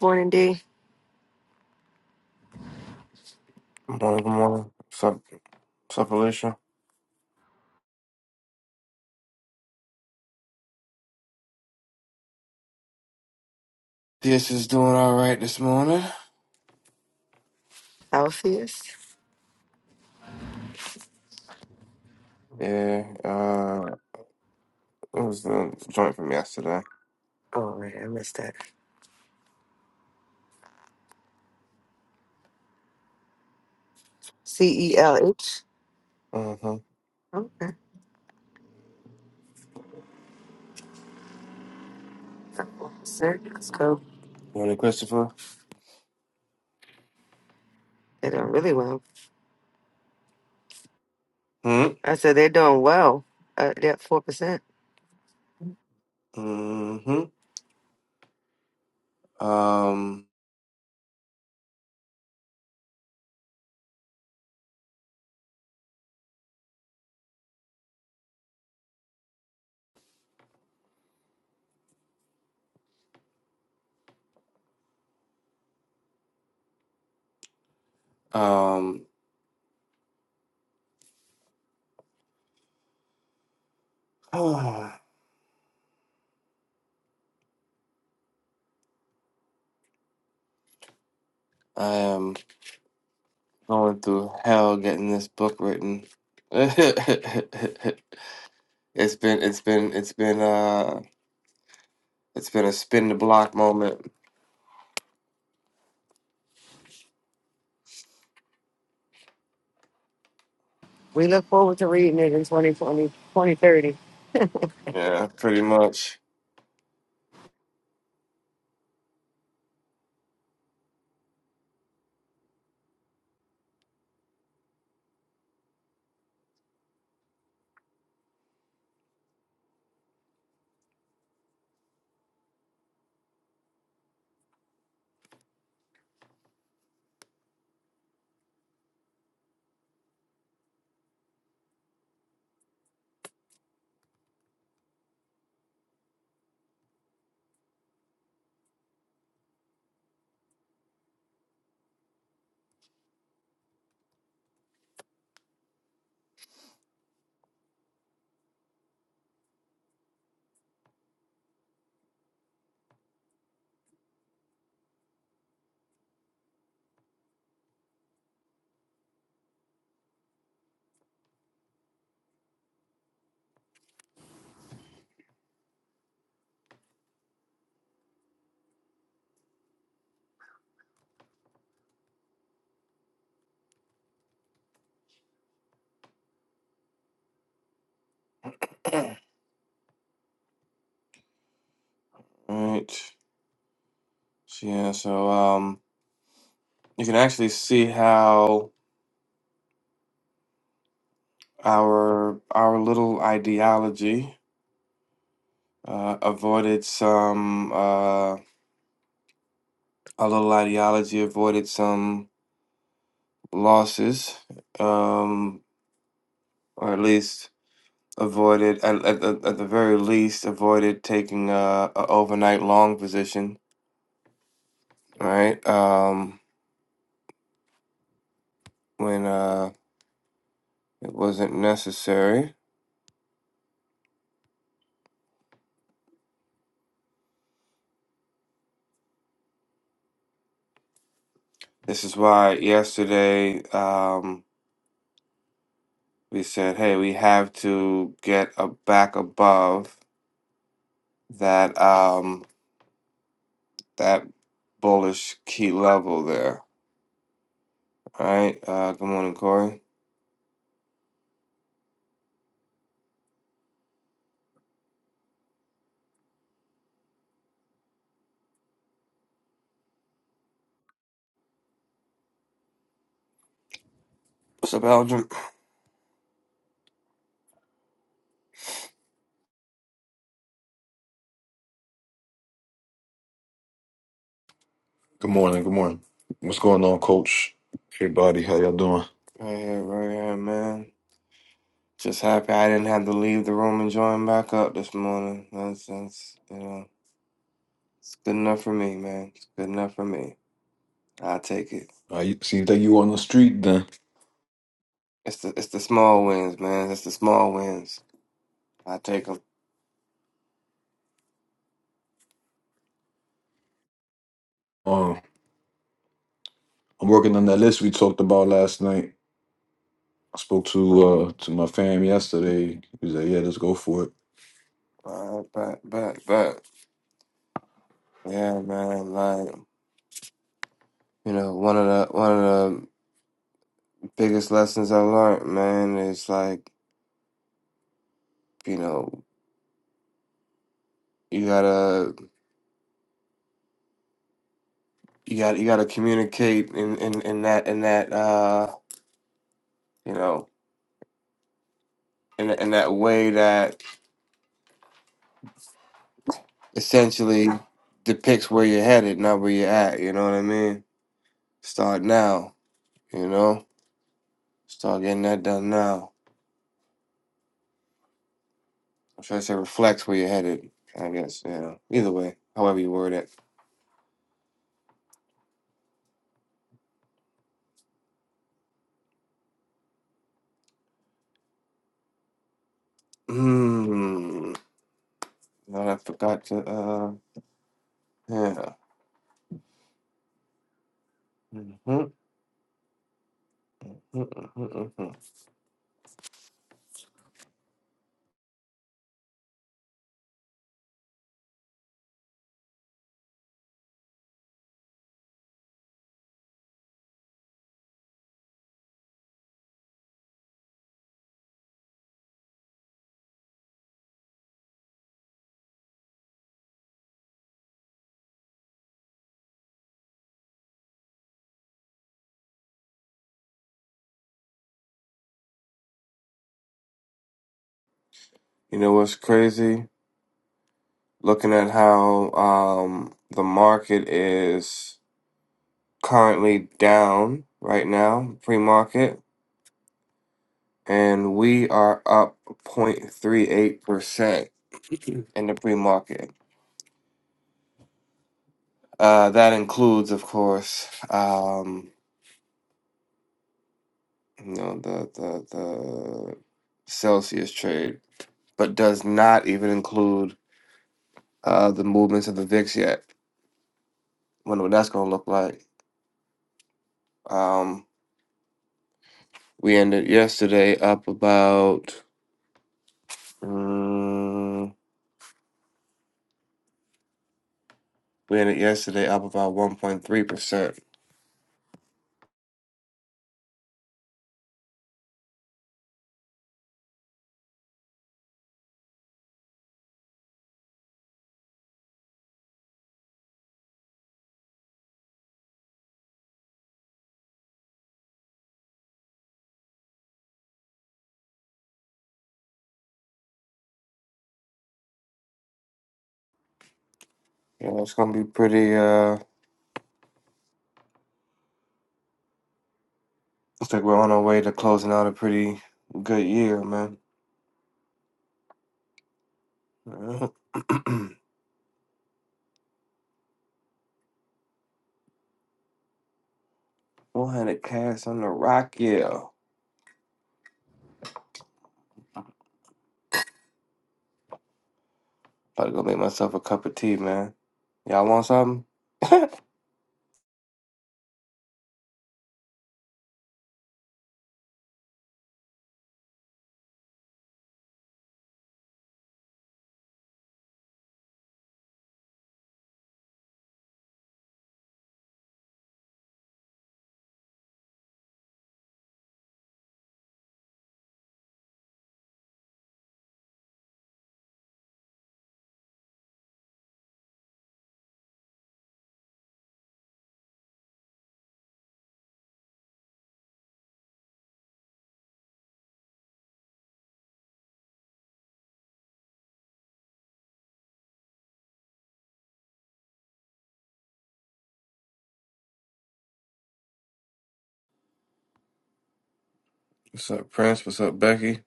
Morning, D. Good morning, good morning. What's up, what's up, Alicia? This is doing all right this morning. Celsius. Yeah, uh, it was the joint from yesterday. Oh, wait, I missed that. C E L H. Mm-hmm. Okay. Sir, let's go. Morning, Christopher. They're doing really well. Mm-hmm. I said they're doing well. Uh, they're at 4%. Mm-hmm. Um, um, I am going through hell getting this book written. it's been, it's been, it's been, uh, it's been a spin the block moment. We look forward to reading it in 2020, 2030. Yeah, pretty much. Right. So, yeah, so, um, you can actually see how our our little ideology uh, avoided some uh, our little ideology avoided some losses, um, or at least avoided at, at, the- at the very least avoided taking a, a overnight long position, right? Um, when uh, it wasn't necessary. This is why yesterday. Um, we said, hey, we have to get a back above that um that bullish key level there. All right. Uh, good morning, Corey. What's up, Elgin? Good morning. Good morning. What's going on, Coach? Everybody, how y'all doing? Right here, right here, man. Just happy I didn't have to leave the room and join back up this morning. That's that's you know, it's good enough for me, man. It's good enough for me. I take it. I seems like you on the street then. It's the it's the small wins, man. It's the small wins. I take them. Um, I'm working on that list we talked about last night. I spoke to uh to my fam yesterday. He was like, "Yeah, let's go for it." All right, bet, bet, bet. Yeah, man. Like. You know, one of the one of the biggest lessons I learned, man, is like, you know, you gotta you gotta you gotta communicate in, in, in that in that uh you know in in that way that essentially depicts where you're headed, not where you're at, you know what I mean? Start now, you know? Start getting that done now. I'm trying to say reflects where you're headed, I guess, you know. Either way, however you word it. Hmm. Now I forgot to uh yeah. Mhm, mhm, mhm, mhm. You know what's crazy? Looking at how um, the market is currently down right now, pre market, and we are up 0.38% in the pre market. Uh, that includes, of course, um, you know, the, the, the Celsius trade, but does not even include uh, the movements of the VIX yet. Wonder what that's going to look like. Um, We ended yesterday up about. Um, we ended yesterday up about one point three percent. Yeah, it's gonna be pretty. Uh, looks like we're on our way to closing out a pretty good year, man. One hundred cash on the rock, yeah. About to go make myself a cup of tea, man. Y'all want something? What's up, Prince? What's up, Becky?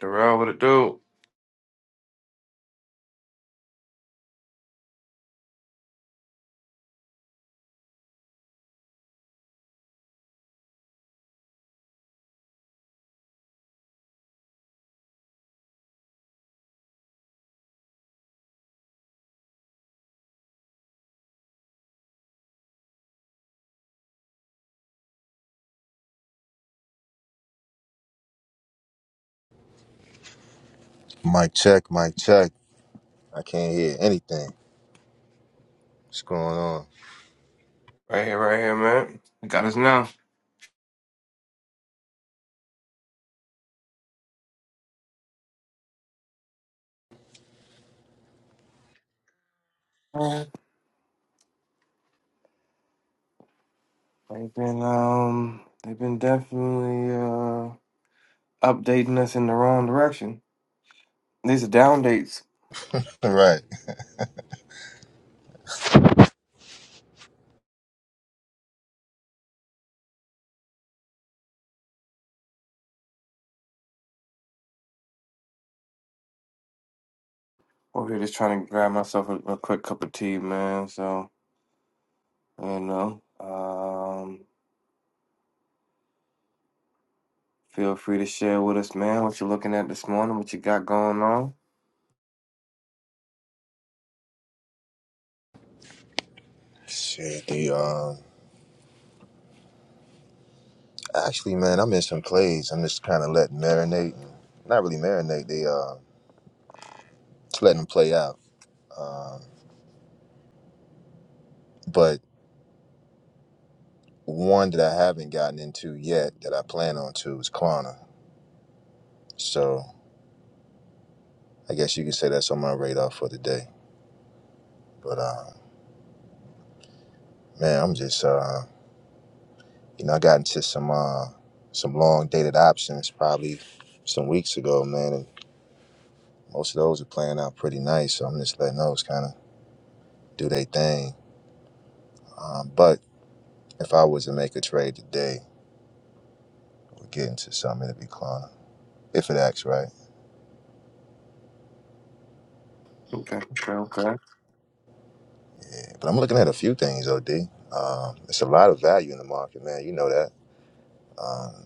Darrell, what it do? Mic check, mic check. I can't hear anything. What's going on? Right here, right here, man. You got us now. Alright. They've been um, they've been definitely Uh. updating us in the wrong direction. These are down dates. right. Over here, just trying to grab myself a, a quick cup of tea, man. So, you know, um, feel free to share with us, man, what you're looking at this morning, what you got going on. Shit, the um actually man, I'm in some plays. I'm just kinda letting marinate and not really marinate, they uh just letting them play out. Um but one that I haven't gotten into yet that I plan on to is Klarna. So I guess you could say that's on my radar for today. But um man, I'm just uh you know, I got into some uh some long dated options probably some weeks ago, man. and Most of those are playing out pretty nice, so I'm just letting those kind of do their thing. Um, but if I was to make a trade today, we're getting to something to be cloning, if it acts right. Okay, okay, okay. Yeah, but I'm looking at a few things, Od. Um, it's a lot of value in the market, man. You know that. Um,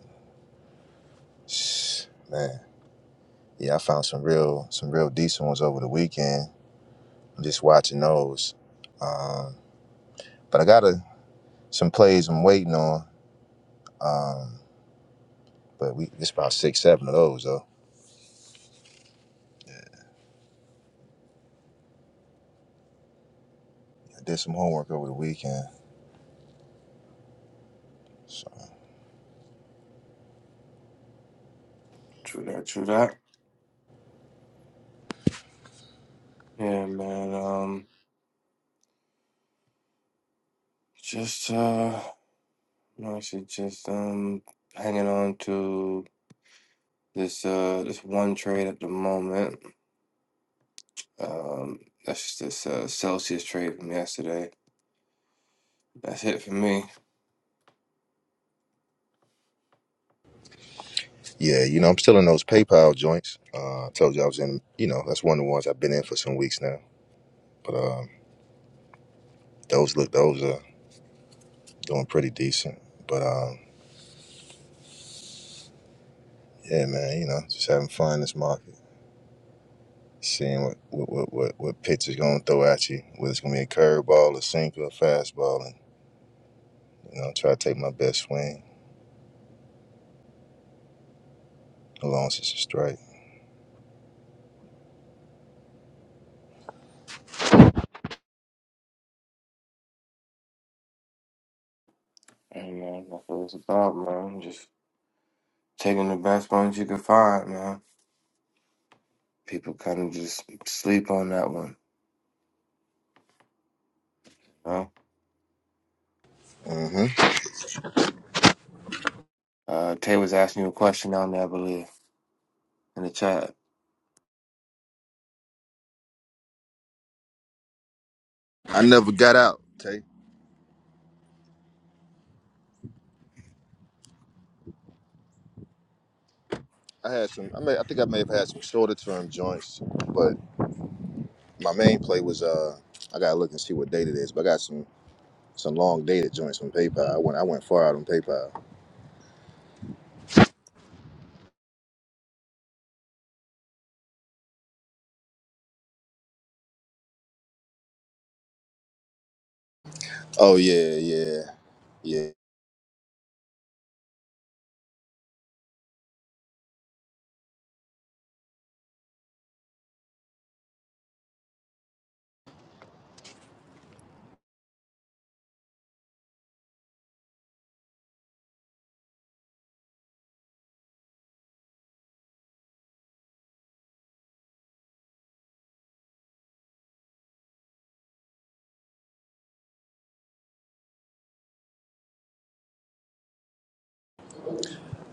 man, yeah, I found some real, some real decent ones over the weekend. I'm just watching those. Um, but I got a, some plays I'm waiting on. Um, but we, it's about six, seven of those though. I did some homework over the weekend. so True that, true that. Yeah, man. Um, just uh, no, actually, just um, hanging on to this uh, this one trade at the moment. Um, that's just this uh, Celsius trade from yesterday. That's it for me. Yeah, you know, I'm still in those PayPal joints. Uh, I told you I was in, you know, that's one of the ones I've been in for some weeks now. But um, those look, those are doing pretty decent. But um, yeah, man, you know, just having fun in this market, seeing what what what what, what pitch is going to throw at you, whether it's going to be a curveball, a sinker, a fastball, and you know, try to take my best swing along since it's a strike. Hey man, that's what it's about, man. Just taking the best ones you can find, man. People kind of just sleep on that one. You know? hmm Uh, Tay was asking you a question down there, I believe, in the chat. I never got out, Tay. I had some. I, may, I think I may have had some shorter term joints, but my main play was uh, I gotta look and see what date it is. But I got some. some long dated joints from PayPal. I went I went far out on PayPal. Oh yeah, yeah, yeah.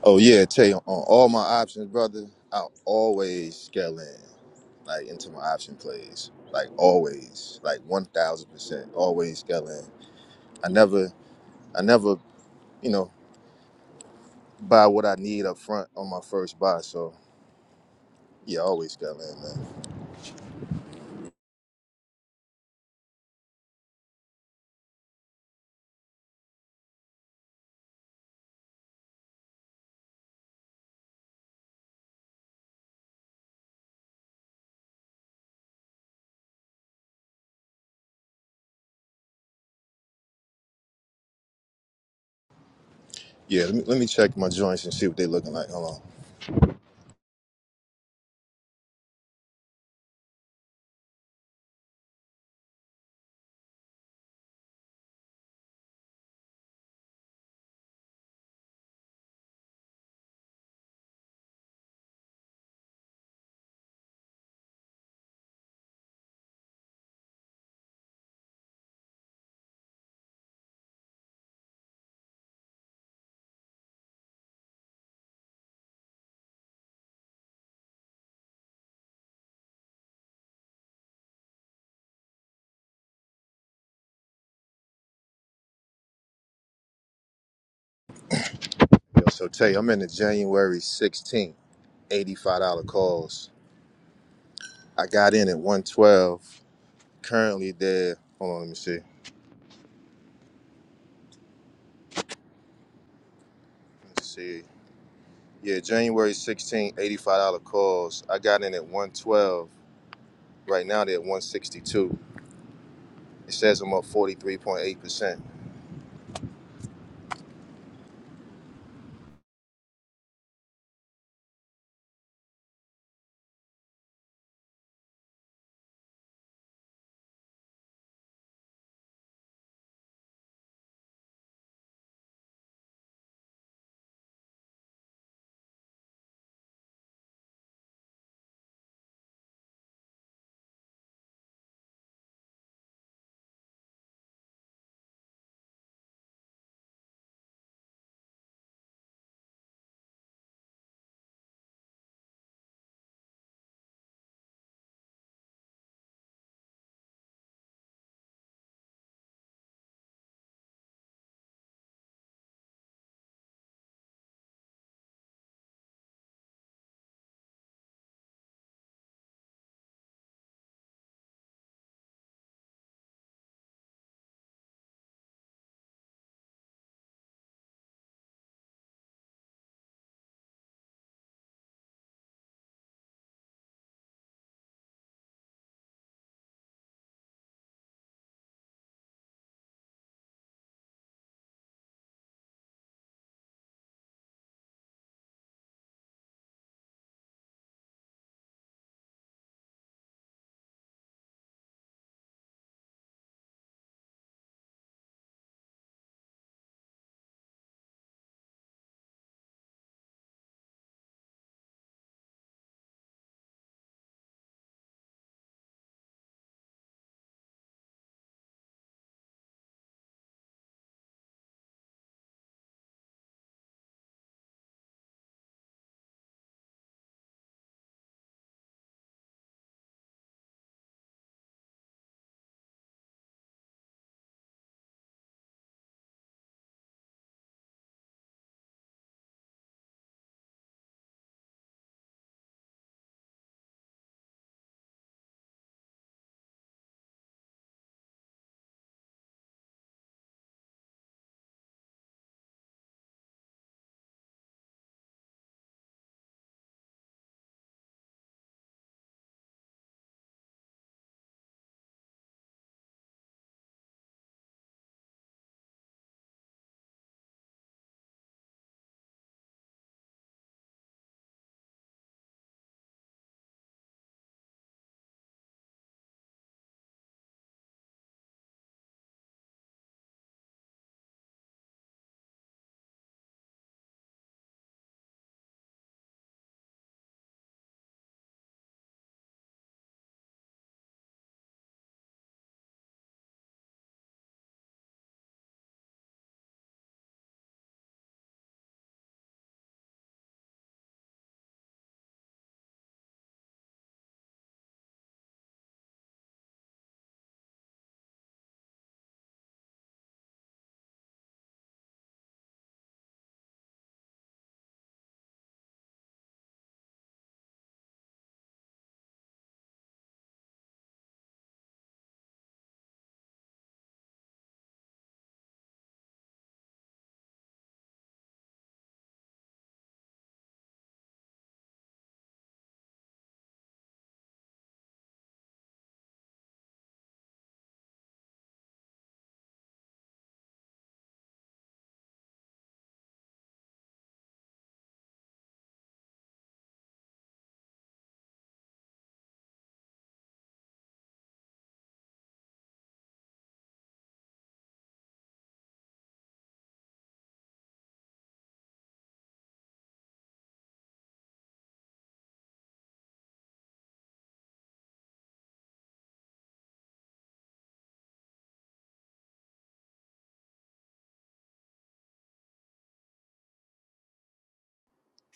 Oh yeah, tell you on all my options, brother, I always scale in like into my option plays. Like always. Like one thousand percent. Always scale in. I never I never, you know, buy what I need up front on my first buy. So yeah, I always scale in, man. Yeah, let me, let me check my joints and see what they looking like. Hold on. Yo, so Tay, I'm in the January 16th, $85 calls. I got in at 112. Currently there. Hold on, let me see. Let's see. Yeah, January 16, $85 calls. I got in at 112. Right now they're at 162. It says I'm up 43.8%.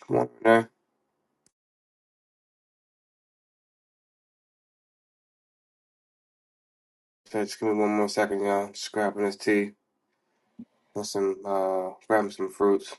Come on, man. So just give me one more second, y'all. Just grabbing this tea and some, uh, grabbing some fruits.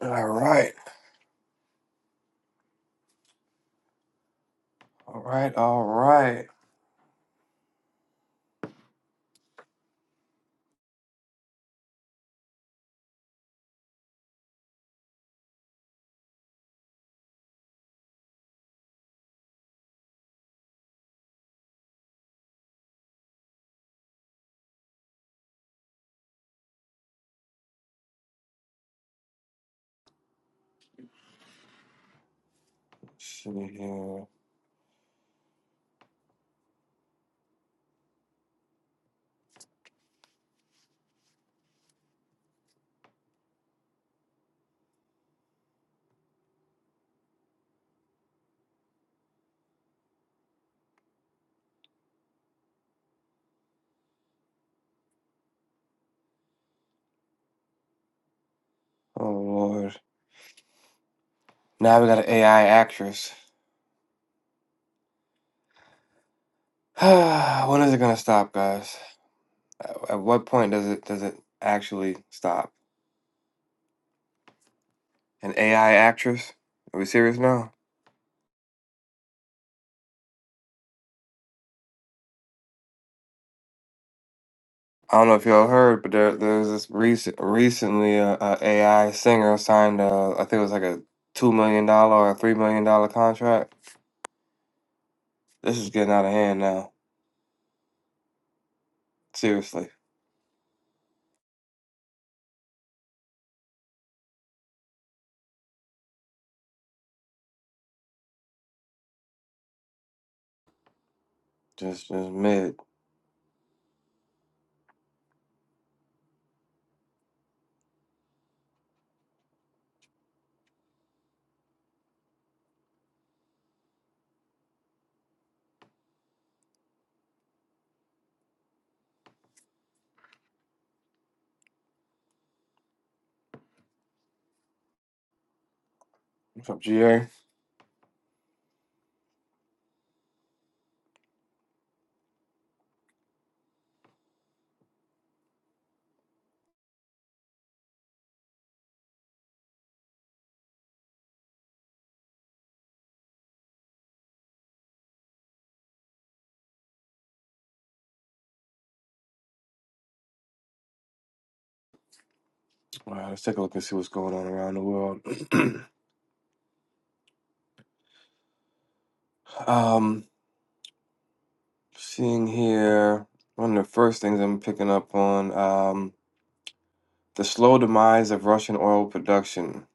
All right, all right, all right. See here. Oh Lord. Now we got an AI actress. when is it gonna stop, guys? At at what point does it does it actually stop? an AI actress. Are we serious now? I don't know if y'all heard, but there there's this recent recently uh, a, a AI singer signed a I think it was like a two million dollar or three million dollar contract. This is getting out of hand now. Seriously, just just mid. What's up, GA? All right, let's take a look and see what's going on around the world. um, seeing here one of the first things I'm picking up on um the slow demise of Russian oil production.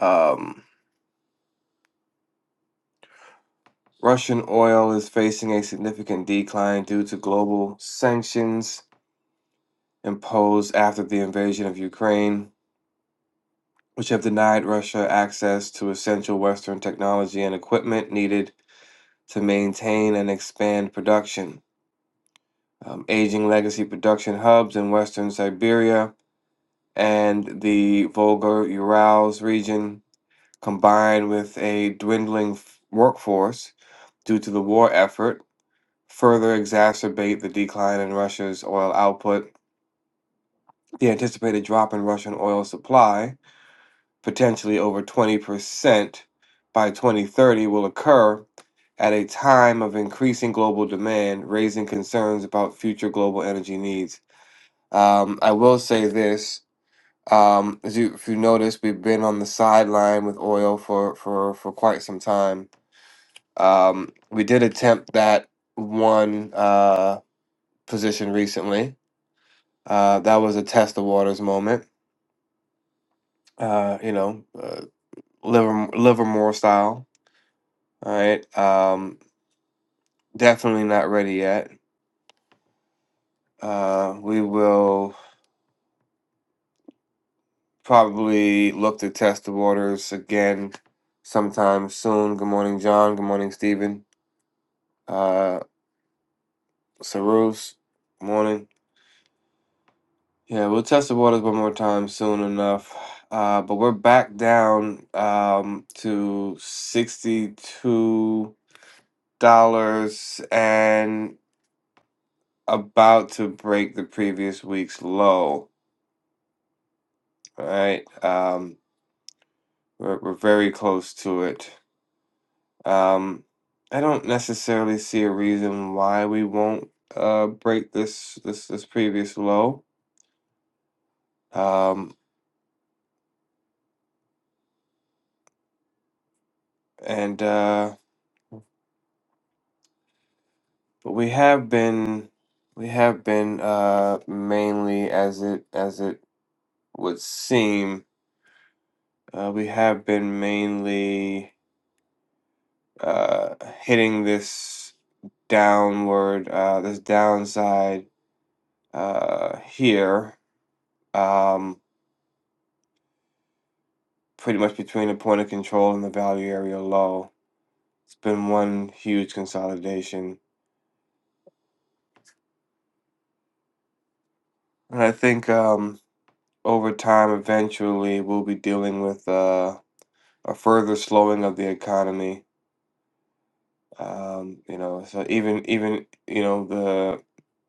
Um, Russian oil is facing a significant decline due to global sanctions imposed after the invasion of Ukraine, which have denied Russia access to essential Western technology and equipment needed to maintain and expand production. Um, aging legacy production hubs in Western Siberia and the Volga Urals region, combined with a dwindling f- workforce due to the war effort, further exacerbate the decline in Russia's oil output. The anticipated drop in Russian oil supply, potentially over 20% by 2030, will occur at a time of increasing global demand, raising concerns about future global energy needs. Um, I will say this. Um, as you, if you notice, we've been on the sideline with oil for, for, for quite some time. Um, we did attempt that one uh, position recently Uh, that was a test of waters moment. Uh, you know, uh, Liver Livermore style. All right. Um, definitely not ready yet. Uh, we will probably look to test the waters again sometime soon. Good morning, John. Good morning, Stephen. Uh, Sarus. Morning. Yeah, we'll test the waters one more time soon enough. Uh, but we're back down um, to 62 dollars and about to break the previous week's low. All right, um, we're, we're very close to it. Um, I don't necessarily see a reason why we won't uh, break this this this previous low. Um, and uh, but we have been we have been uh, mainly as it as it would seem. Uh, we have been mainly uh, hitting this downward, uh, this downside uh, here, um, pretty much between the point of control and the value area low. It's been one huge consolidation. And I think um, over time, eventually, we'll be dealing with uh, a further slowing of the economy. Um, you know, so even even you know the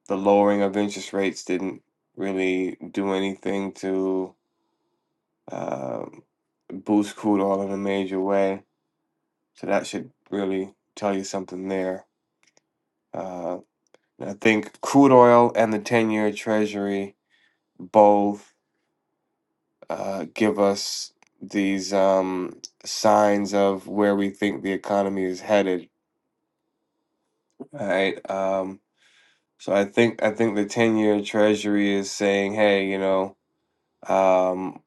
the lowering of interest rates didn't really do anything to um, boost crude oil in a major way. So that should really tell you something there. Uh, I think crude oil and the 10 year Treasury both uh, give us these um, signs of where we think the economy is headed, right? Um, so I think I think the 10 year Treasury is saying, hey, you know, um,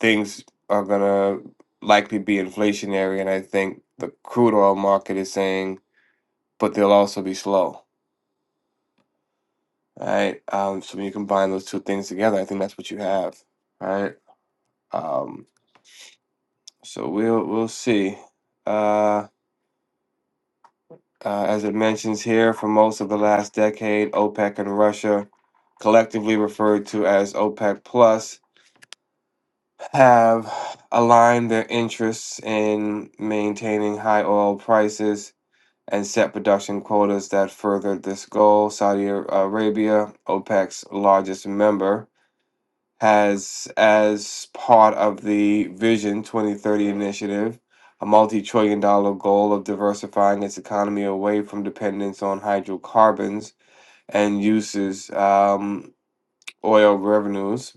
things are gonna likely be inflationary, and I think the crude oil market is saying but they'll also be slow. Right. Um, so when you combine those two things together, I think that's what you have. Right. Um, so we'll we'll see. Uh, uh, as it mentions here, for most of the last decade, OPEC and Russia, collectively referred to as OPEC Plus, have aligned their interests in maintaining high oil prices and set production quotas that further this goal. Saudi Arabia, OPEC's largest member, has, as part of the Vision 2030 initiative, a multi trillion dollar goal of diversifying its economy away from dependence on hydrocarbons and uses um, oil revenues.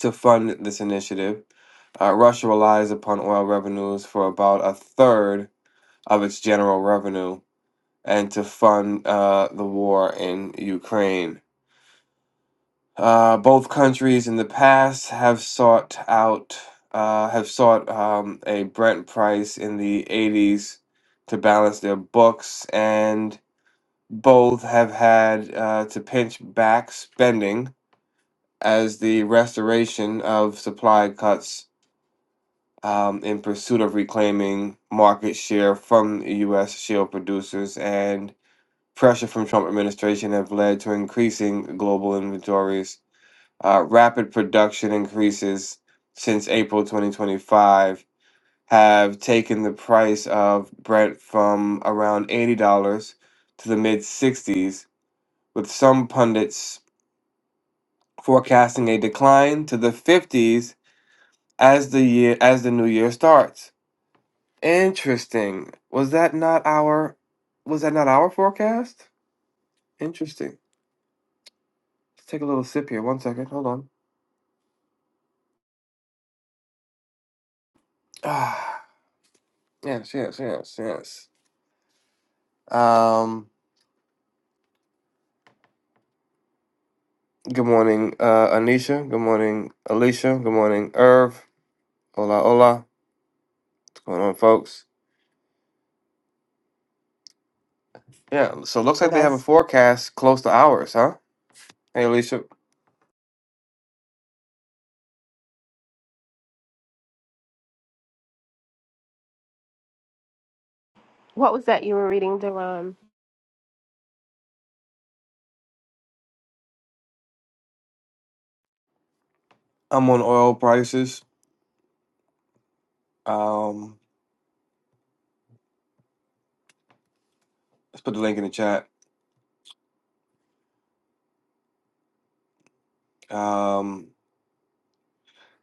To fund this initiative, uh, Russia relies upon oil revenues for about a third of its general revenue and to fund uh, the war in Ukraine. Uh, both countries in the past have sought out uh, have sought um, a Brent price in the 80s to balance their books, and both have had uh, to pinch back spending as the restoration of supply cuts um, in pursuit of reclaiming market share from U.S. shale producers and pressure from Trump administration have led to increasing global inventories uh, rapid production increases since April 2025 have taken the price of Brent from around $80 to the mid 60s, with some pundits forecasting a decline to the 50s as the year as the new year starts. Interesting. Was that not our was that not our forecast? Interesting. Let's take a little sip here. One second. Hold on. Ah, yes, yes, yes, yes. Um Good morning, uh, Anisha. Good morning, Alicia. Good morning, Irv. Hola, hola. What's going on, folks? Yeah, so it looks Hey like they have a guys, forecast close to ours, huh? Hey, Alicia. what was that you were reading, Deron? I'm on oil prices. Um, let's put the link in the chat. Um,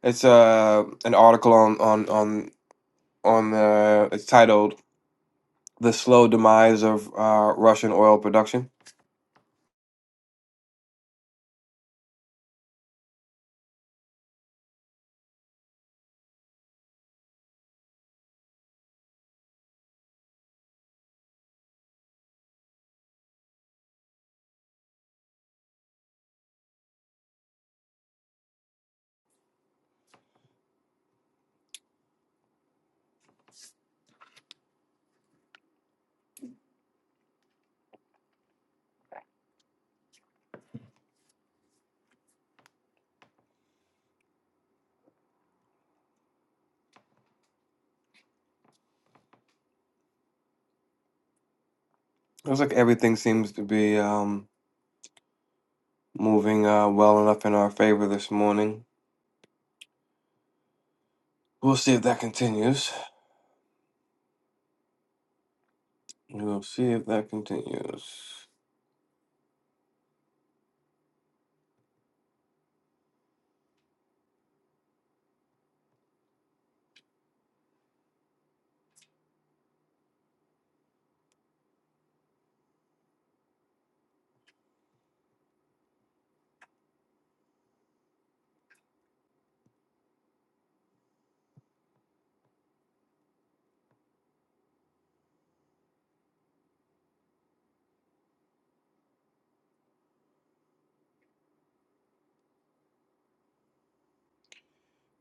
it's uh, an article on on on on the. It's titled "The Slow Demise of uh, Russian Oil Production." It looks like everything seems to be um, moving uh, well enough in our favor this morning. We'll see if that continues. We'll see if that continues.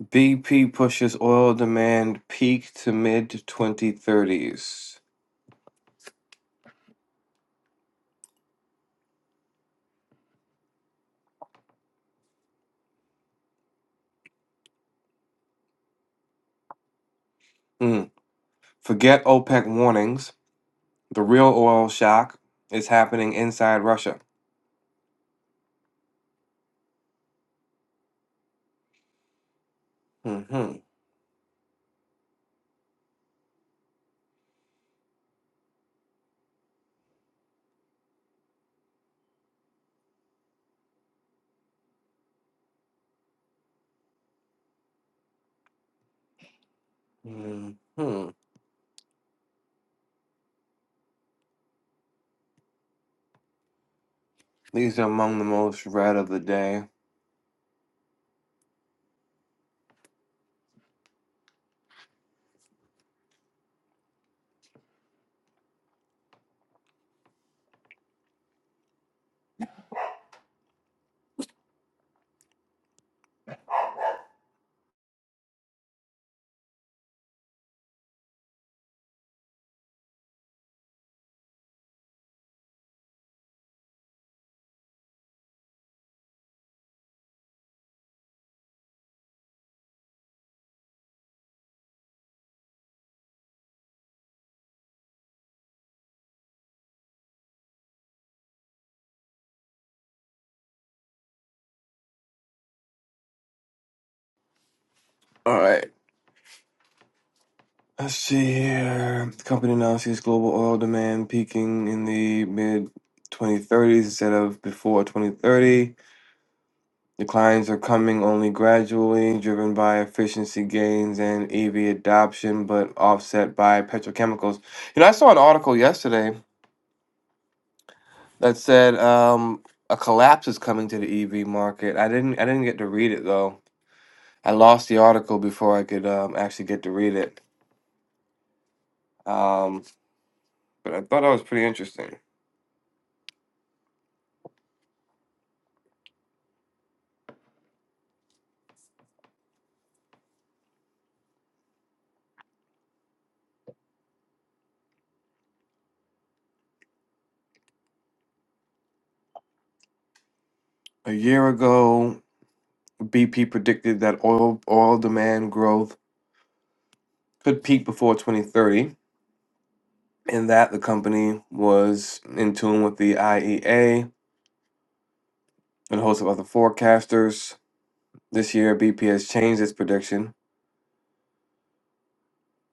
BP pushes oil demand peak to mid 2030s. Hmm. Forget OPEC warnings. The real oil shock is happening inside Russia. hmm hmm These are among the most read of the day. All right. Let's see here. The company now sees global oil demand peaking in the mid 2030s instead of before 2030. Declines are coming only gradually, driven by efficiency gains and EV adoption, but offset by petrochemicals. You know, I saw an article yesterday that said um, a collapse is coming to the EV market. I didn't, I didn't get to read it though. I lost the article before I could um, actually get to read it. Um, but I thought that was pretty interesting. A year ago, BP predicted that oil oil demand growth could peak before 2030 In that, the company was in tune with the IEA and a host of other forecasters. This year, BP has changed its prediction.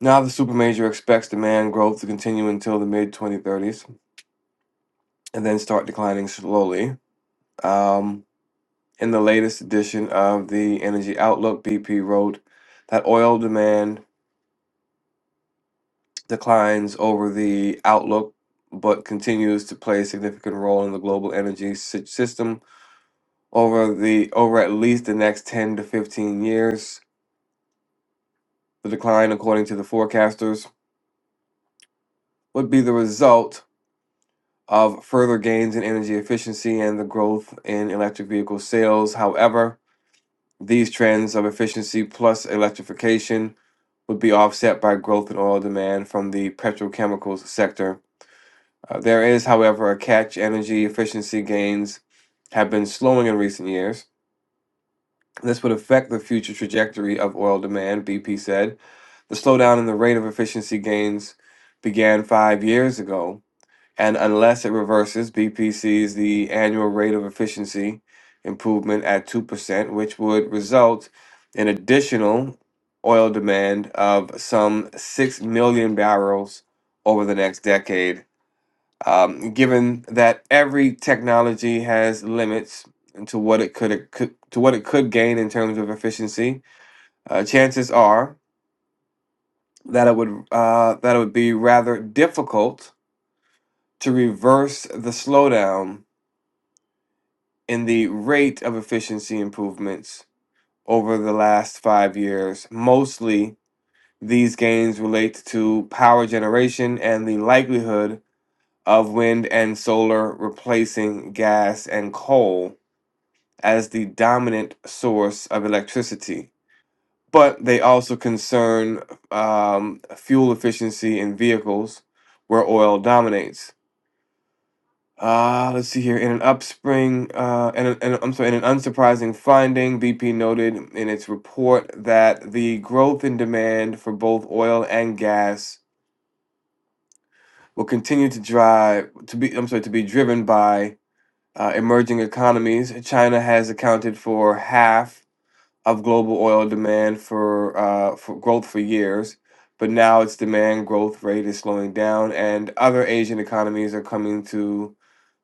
Now, the supermajor expects demand growth to continue until the mid 2030s and then start declining slowly. Um, in the latest edition of the Energy Outlook, BP wrote that oil demand declines over the outlook but continues to play a significant role in the global energy sy- system over the over at least the next 10 to 15 years. The decline, according to the forecasters, would be the result of further gains in energy efficiency and the growth in electric vehicle sales. However, these trends of efficiency plus electrification would be offset by growth in oil demand from the petrochemicals sector. Uh, there is, however, a catch. Energy efficiency gains have been slowing in recent years This would affect the future trajectory of oil demand, BP said. The slowdown in the rate of efficiency gains began five years ago, and unless it reverses, BP sees the annual rate of efficiency improvement at 2%, which would result in additional oil demand of some 6 million barrels over the next decade um, given that every technology has limits to what it could, it could to what it could gain in terms of efficiency, uh, chances are that it would uh, that it would be rather difficult to reverse the slowdown in the rate of efficiency improvements over the last five years. Mostly, these gains relate to power generation and the likelihood of wind and solar replacing gas and coal as the dominant source of electricity, but they also concern um, fuel efficiency in vehicles where oil dominates. Uh, let's see here. In an upspring, uh, and, and I'm sorry, in an unsurprising finding, BP noted in its report that the growth in demand for both oil and gas will continue to drive to be. I'm sorry, to be driven by uh, emerging economies. China has accounted for half of global oil demand for uh, for growth for years, but now its demand growth rate is slowing down, and other Asian economies are coming to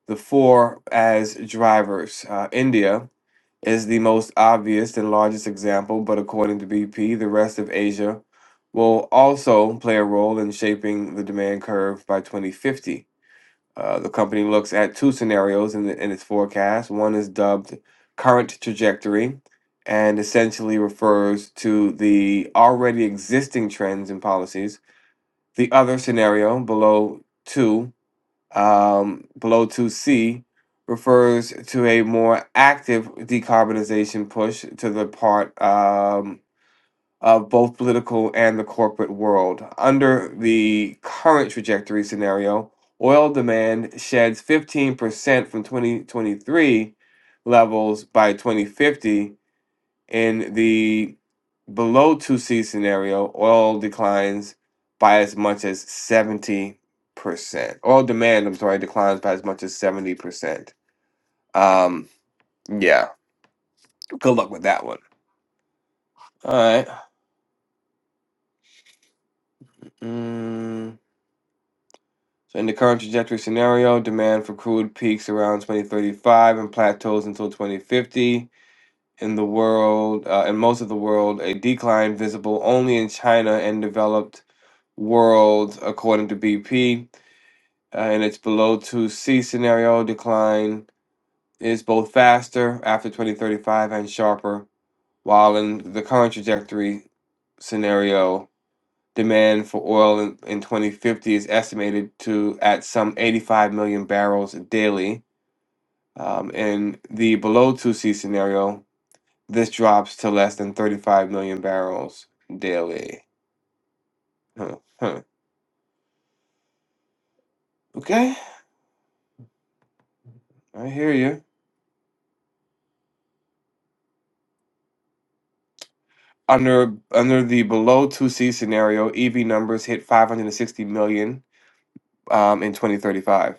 the fore as drivers. Uh, India is the most obvious and largest example, but according to BP, the rest of Asia will also play a role in shaping the demand curve by 2050. Uh, the company looks at two scenarios in, the, in its forecast. One is dubbed current trajectory and essentially refers to the already existing trends and policies. The other scenario, below 2, um, below 2C, refers to a more active decarbonization push to the part um, of both political and the corporate world. Under the current trajectory scenario, oil demand sheds 15% from 2023 levels by 2050. In the below 2C scenario, oil declines by as much as 70%. Oil demand, I'm sorry, declines by as much as 70%. Um, yeah, good luck with that one. All right. Mm. So in the current trajectory scenario, demand for crude peaks around 2035 and plateaus until 2050. In the world, uh, in most of the world, a decline visible only in China and developed world, according to BP. Uh, in its below 2C scenario, decline is both faster after 2035 and sharper, while in the current trajectory scenario, Demand for oil in, in 2050 is estimated to at some 85 million barrels daily. Um, in the below 2C scenario, this drops to less than 35 million barrels daily. Huh, huh. Okay, I hear you. Under under the below 2C scenario, EV numbers hit 560 million um, in 2035.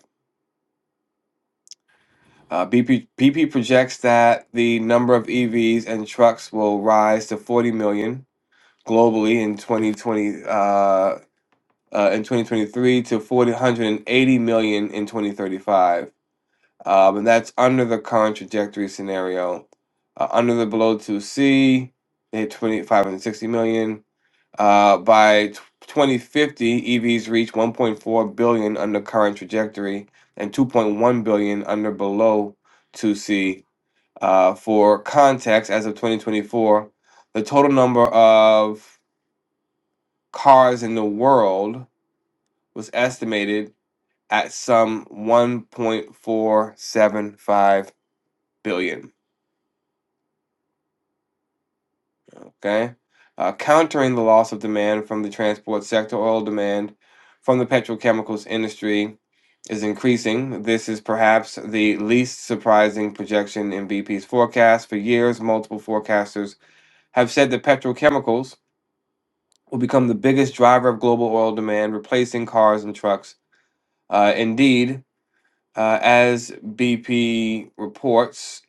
Uh, BP, BP projects that the number of EVs and trucks will rise to 40 million globally in 2020 uh, uh, in 2023 to 480 million in 2035 um, and that's under the current trajectory scenario uh, under the below 2c they had 2560 million uh, by t- 2050 evs reach 1.4 billion under current trajectory and 2.1 billion under below 2c uh, for context as of 2024 the total number of cars in the world was estimated at some 1.475 billion. Okay. Uh, countering the loss of demand from the transport sector, oil demand from the petrochemicals industry is increasing. This is perhaps the least surprising projection in BP's forecast. For years, multiple forecasters have said that petrochemicals will become the biggest driver of global oil demand, replacing cars and trucks. Uh, indeed, uh, as BP reports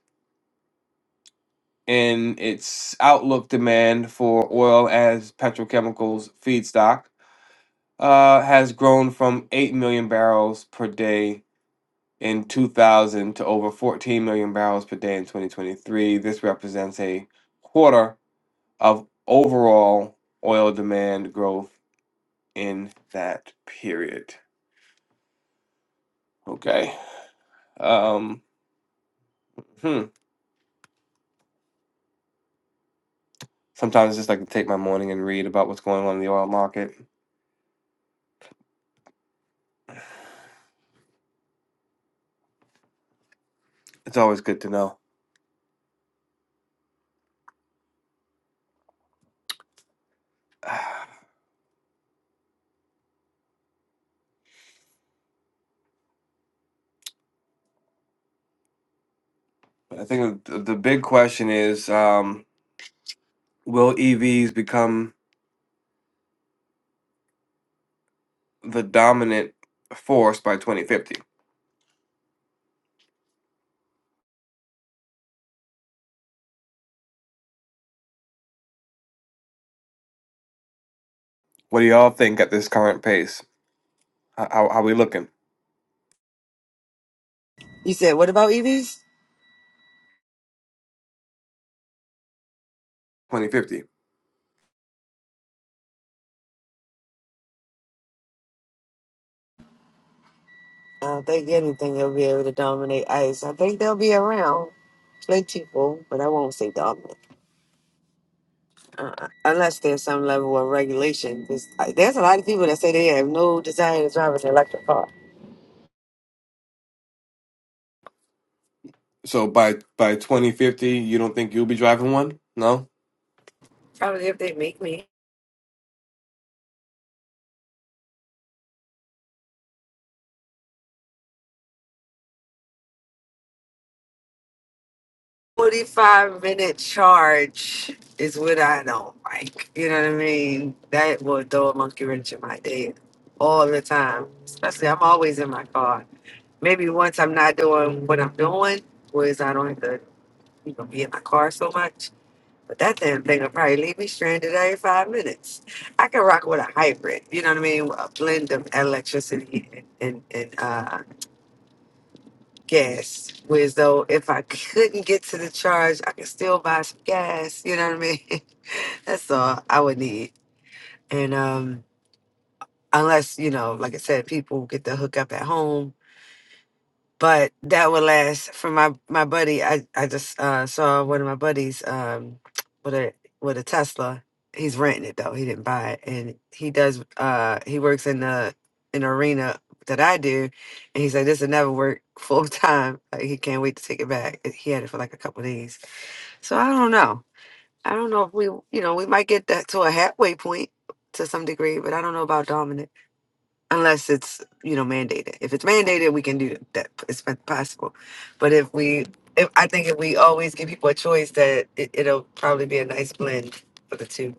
in its outlook demand for oil as petrochemicals feedstock uh, has grown from 8 million barrels per day in 2000 to over 14 million barrels per day in 2023. This represents a quarter of overall oil demand growth in that period. Okay. Um, hmm. Sometimes I just like to take my morning and read about what's going on in the oil market. It's always good to know. I think th- the big question is um, will EVs become the dominant force by 2050? What do y'all think at this current pace? How, how, how we looking? You said, what about EVs? 2050. I don't think anything will be able to dominate ICE. I think they'll be around plentiful, but I won't say dominant. Uh, unless there's some level of regulation. 'Cause, uh, There's a lot of people that say they have no desire to drive an electric car. So by by 2050, you don't think you'll be driving one? No. Probably if they make me. 45 minute charge is what I don't like. You know what I mean? That will throw a monkey wrench in my day all the time. Especially, I'm always in my car. Maybe once I'm not doing what I'm doing, whereas I don't have to you know, be in my car so much. But that damn thing will probably leave me stranded every five minutes. I can rock with a hybrid, you know what I mean? A blend of electricity and, and, and uh, gas. Whereas though, if I couldn't get to the charge, I could still buy some gas. You know what I mean? That's all I would need. And um, unless you know, like I said, people get the hookup at home but that would last for my my buddy. I I just uh, saw one of my buddies um, with a with a Tesla. He's renting it though. He didn't buy it, and he does. Uh, he works in the in the arena that I do, and he said "This will never work full time." Like, he can't wait to take it back. And He had it for like a couple of days. So I don't know. I don't know if we, you know, we might get that to a halfway point to some degree, but I don't know about dominant unless it's you know mandated. If it's mandated, we can do that. It's possible, but if we, if, I think if we always give people a choice, that it, it'll probably be a nice blend for the two.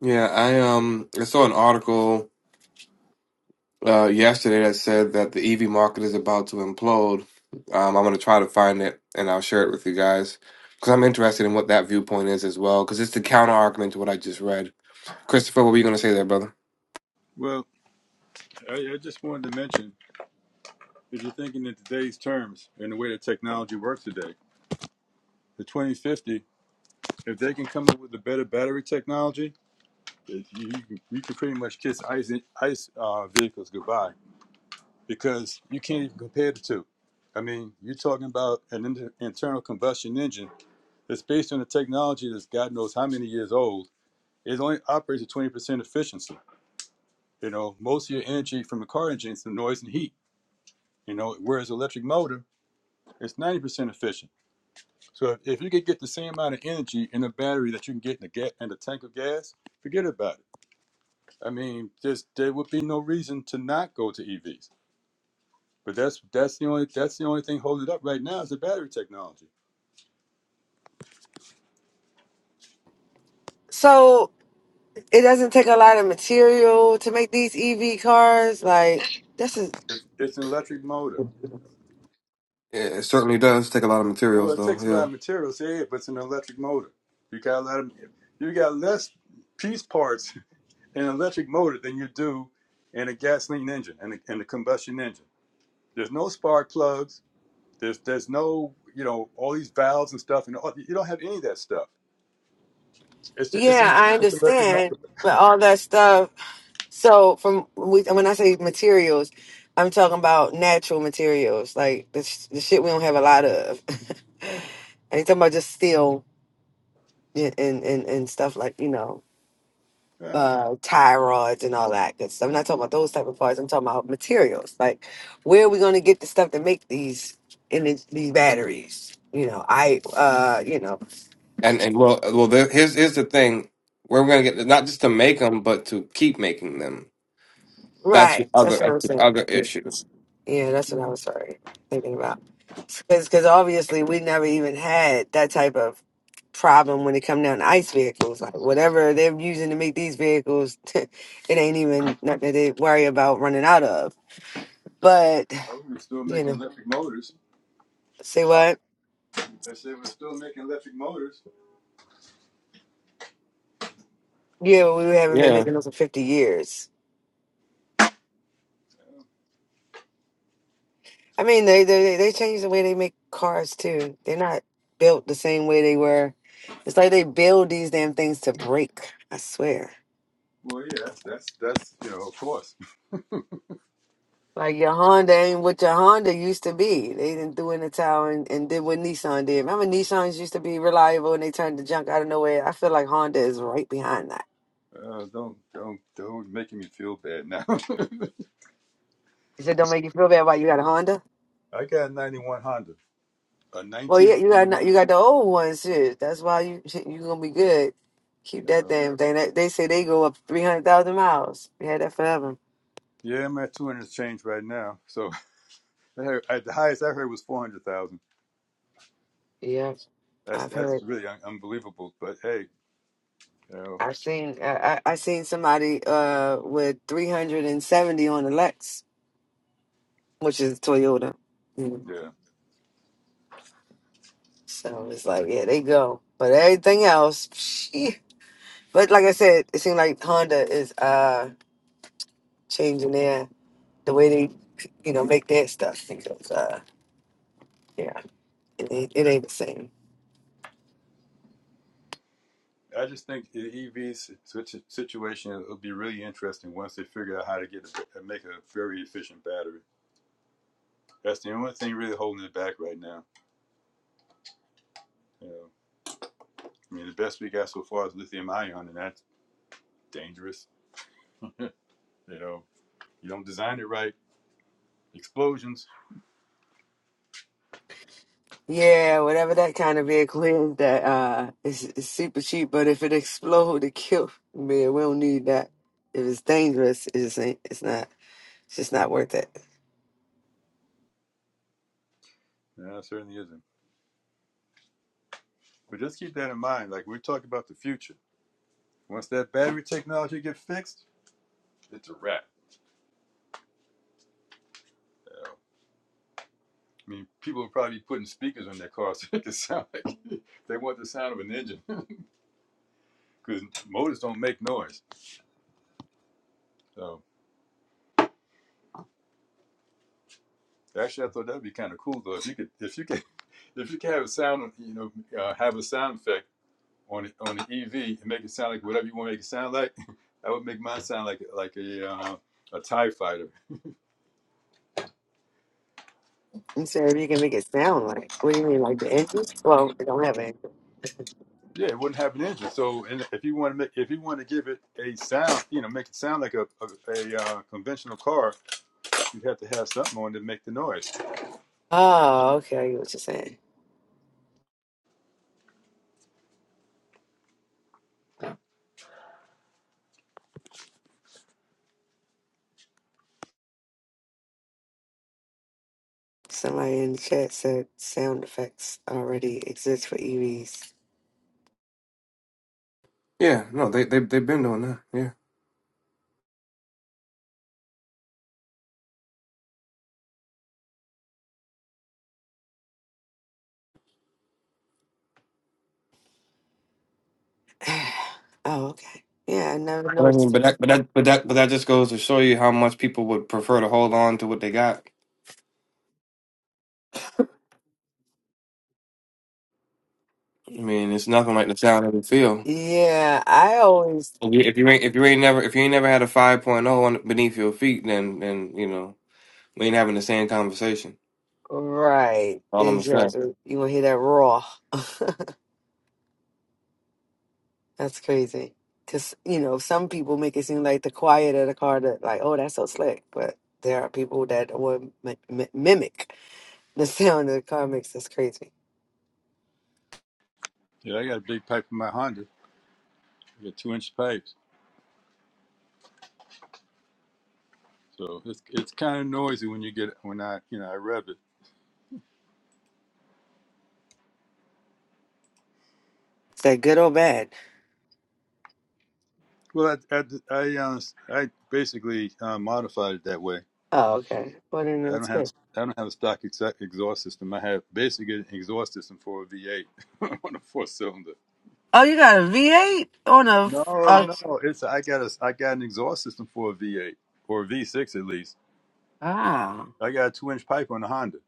Yeah, I um I saw an article uh, yesterday that said that the EV market is about to implode. Um, I'm going to try to find it and I'll share it with you guys because I'm interested in what that viewpoint is as well because it's the counter argument to what I just read. Christopher, what were you going to say there, brother? Well, I, I just wanted to mention if you're thinking in today's terms and the way that technology works today, the 2050, if they can come up with a better battery technology, it, you, you can, you can pretty much kiss ice ice uh, vehicles goodbye because you can't even compare the two. I mean, you're talking about an inter- internal combustion engine that's based on a technology that's God knows how many years old. It only operates at 20% efficiency. You know, most of your energy from a car engine is the noise and heat. You know, whereas electric motor It's 90% efficient. So if, if you could get the same amount of energy in a battery that you can get in a ga- in a tank of gas, forget about it. I mean, there's there would be no reason to not go to EVs. But that's that's the only that's the only thing holding it up right now is the battery technology. So it doesn't take a lot of material to make these EV cars. Like this is It's, it's an electric motor. It it certainly does take a lot of Well, materials, it though. takes a lot Yeah, of materials, yeah, but it's an electric motor. You got a lot of you got less piece parts in an electric motor than you do in a gasoline engine and a, and a combustion engine. There's no spark plugs. There's there's no you know all these valves and stuff and all, you don't have any of that stuff. It's ju- it's yeah, an I it's an electric understand, motor. but all that stuff. So from we- when I say materials. I'm talking about natural materials, like the, sh- the shit we don't have a lot of. I ain't talking about just steel and and and, and stuff like you know Yeah, uh thyroids and all that good stuff. I'm not talking about those type of parts. I'm talking about materials. Like where are we going to get the stuff to make these in these these batteries? You know, I uh you know and and well, well, there, here's here's the thing: we're going to get not just to make them, but to keep making them. That's right. the That's other what that's I'm the saying. other Yeah, issue. yeah that's what I was sorry thinking about because because obviously we never even had that type of problem when it come down to ice vehicles like whatever they're using to make these vehicles it ain't even nothing that they worry about running out of but oh, we're still You making know, electric motors. say I what? I said we're still making electric motors. Yeah, but we haven't been Yeah, making those for fifty years. I mean, they they they changed the way they make cars too. They're not built the same way they were. It's like they build these damn things to break. I swear. Well, yeah, that's that's, that's you know of course. Like your Honda ain't what your Honda used to be. They didn't do in the towel and, and did what Nissan did. Remember, Nissans used to be reliable and they turned to junk out of nowhere. I feel like Honda is right behind that. Uh, don't don't don't making me feel bad now. You said, don't make you feel bad about you got a Honda. I got a '91 Honda, a Well, yeah, you 1991. got you got the old ones. shit. That's why you you gonna be good. Keep Yeah, that damn thing. They, they say they go up three hundred thousand miles. We had that forever. yeah, I'm at 200 change right now. So I heard, I, the highest I heard was 400,000. Yeah, That's I've that's heard. really un- unbelievable. But hey, you know, I've seen. I, I I seen somebody uh with three hundred and seventy on the Lex, which is Toyota. Mm. yeah. So it's like, yeah, they go. But everything else, shit. but like I said, it seems like Honda is uh changing their the way they you know make their stuff because uh yeah. It ain't, it ain't the same. I just think the EV si- situation will be really interesting once they figure out how to get a, uh, make a very efficient battery. That's the only thing really holding it back right now. You know, I mean, the best we got so far is lithium ion, and that's dangerous. You know, you don't design it right, explosions. Yeah, whatever that kind of vehicle is, that uh, it's, it's super cheap. But if it explode, it kill me. We don't need that. If it's dangerous, it just ain't. It's not. It's just not worth it. No, it certainly isn't. But just keep that in mind. Like we're talking about the future. Once that battery technology gets fixed, it's a wrap. You know? I mean, people will probably be putting speakers on their cars to make it sound like they want the sound of an engine. because motors don't make noise. So actually, I thought that'd be kind of cool though. If you could, if you could, if you could have a sound, you know, uh, have a sound effect on it on the EV and make it sound like whatever you want to make it sound like, that would make mine sound like like a uh, a Tie Fighter. I'm sorry if you can make it sound like. What do you mean, like the engine? Well, it don't have an engine. Yeah, it wouldn't have an engine. So, and if you want to make, if you want to give it a sound, you know, make it sound like a a, a uh, conventional car, you'd have to have something on to make the noise. Oh, okay. I get what you're saying. Somebody in the chat said sound effects already exist for EVs. yeah. No, they they they've been doing that. Yeah. oh, okay. Yeah, I never But I mean, noticed that. but that, but that, but that, but that just goes to show you how much people would prefer to hold on to what they got. I mean, it's nothing like the sound of the field. Yeah, I always If you, if you ain't, if you ain't never, if you ain't never had a 5.0 point oh on beneath your feet, then, then you know we ain't having the same conversation. Right, All I'm gonna say. exactly. You want to hear that raw. That's crazy. Because, you know, some people make it seem like the quiet of the car, that like, oh, that's so slick. But there are people that will mi- mi- mimic the sound of the car makes. That's crazy. Yeah, I got a big pipe in my Honda. I got two inch pipes. So it's it's kind of noisy when you get when I you know I rev it. Is that good or bad? Well, I I I, uh, I basically uh, modified it that way. Oh, okay. Well, then I don't that's have good. I don't have a stock exact exhaust system. I have basically an exhaust system for a V8 on a four cylinder. Oh, you got a V8 on a. f- No, a- no, it's I got a I got an exhaust system for a V8 or a V6 at least. oh, I got a two inch pipe on a Honda.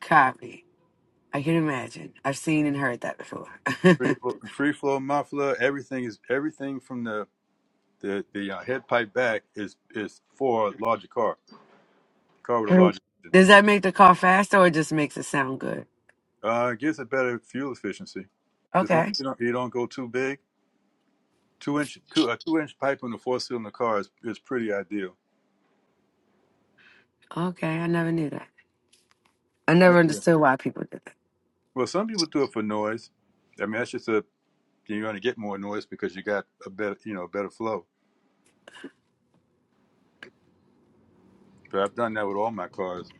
copy. I can imagine. I've seen and heard that before. Free flow, free flow muffler, everything is everything from the the the uh, head pipe back is is for a larger car, car with a larger engine. Does that make the car faster or it just makes it sound good? Uh, it gives a better fuel efficiency. As long Okay. as you don't, you don't go too big, two inch two a two inch pipe in a four cylinder car is, is pretty ideal. Okay, I never knew that. I never Okay. understood why people did that. Well, some people do it for noise. I mean, that's just a you're going to get more noise because you got a better you know better flow. But I've done that with all my cars.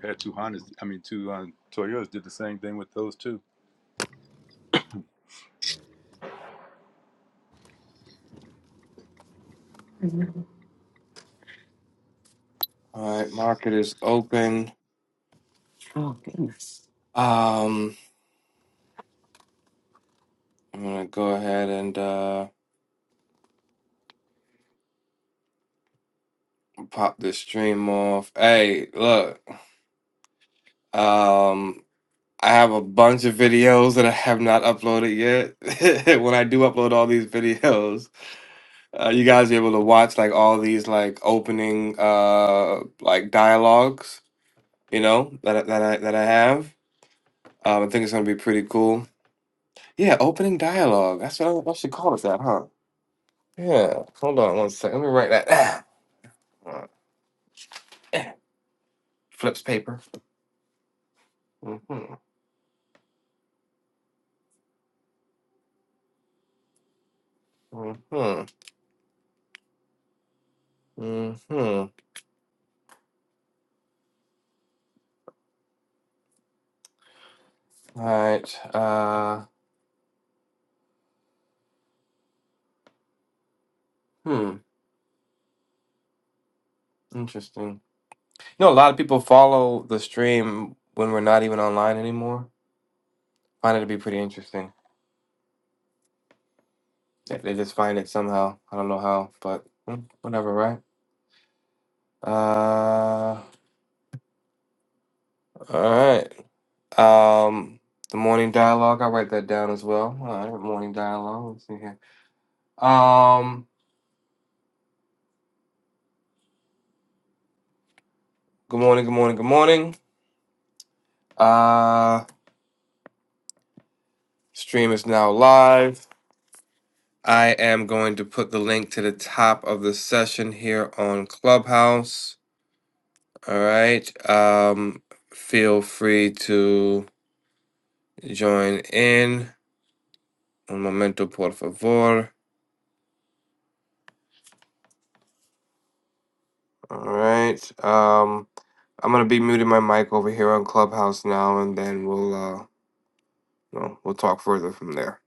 Had two Hondas. I mean, two um, Toyotas did the same thing with those two. Mhm. All right, market is open. Oh goodness. Um, I'm gonna go ahead and uh pop this stream off. Hey, look, um, I have a bunch of videos that I have not uploaded yet. when I do upload all these videos. Uh, you guys be able to watch like all these like opening uh like dialogues, you know, that I- that I that I have. Um, I think it's gonna be pretty cool. Yeah, opening dialogue. That's what I, I should call it that, huh? Yeah. Hold on one second. Let me write that down. Uh, Flips paper. Mm-hmm. Mm-hmm. Mm-hmm. All right. Uh hmm. Interesting. You know, a lot of people follow the stream when we're not even online anymore. Find it to be pretty interesting. If they just find it somehow, I don't know how, but mm, whatever, right? Uh, all right. Um, the morning dialogue. I write that down as well. All right, morning dialogue. Let's see here. Um, good morning, good morning, good morning. Uh, stream is now live. I am going to put the link to the top of the session here on Clubhouse. All right. Um, feel free to join in. Un momento, por favor. All right. Um, I'm gonna be muting my mic over here on Clubhouse now, and then we'll uh, you know, we'll talk further from there.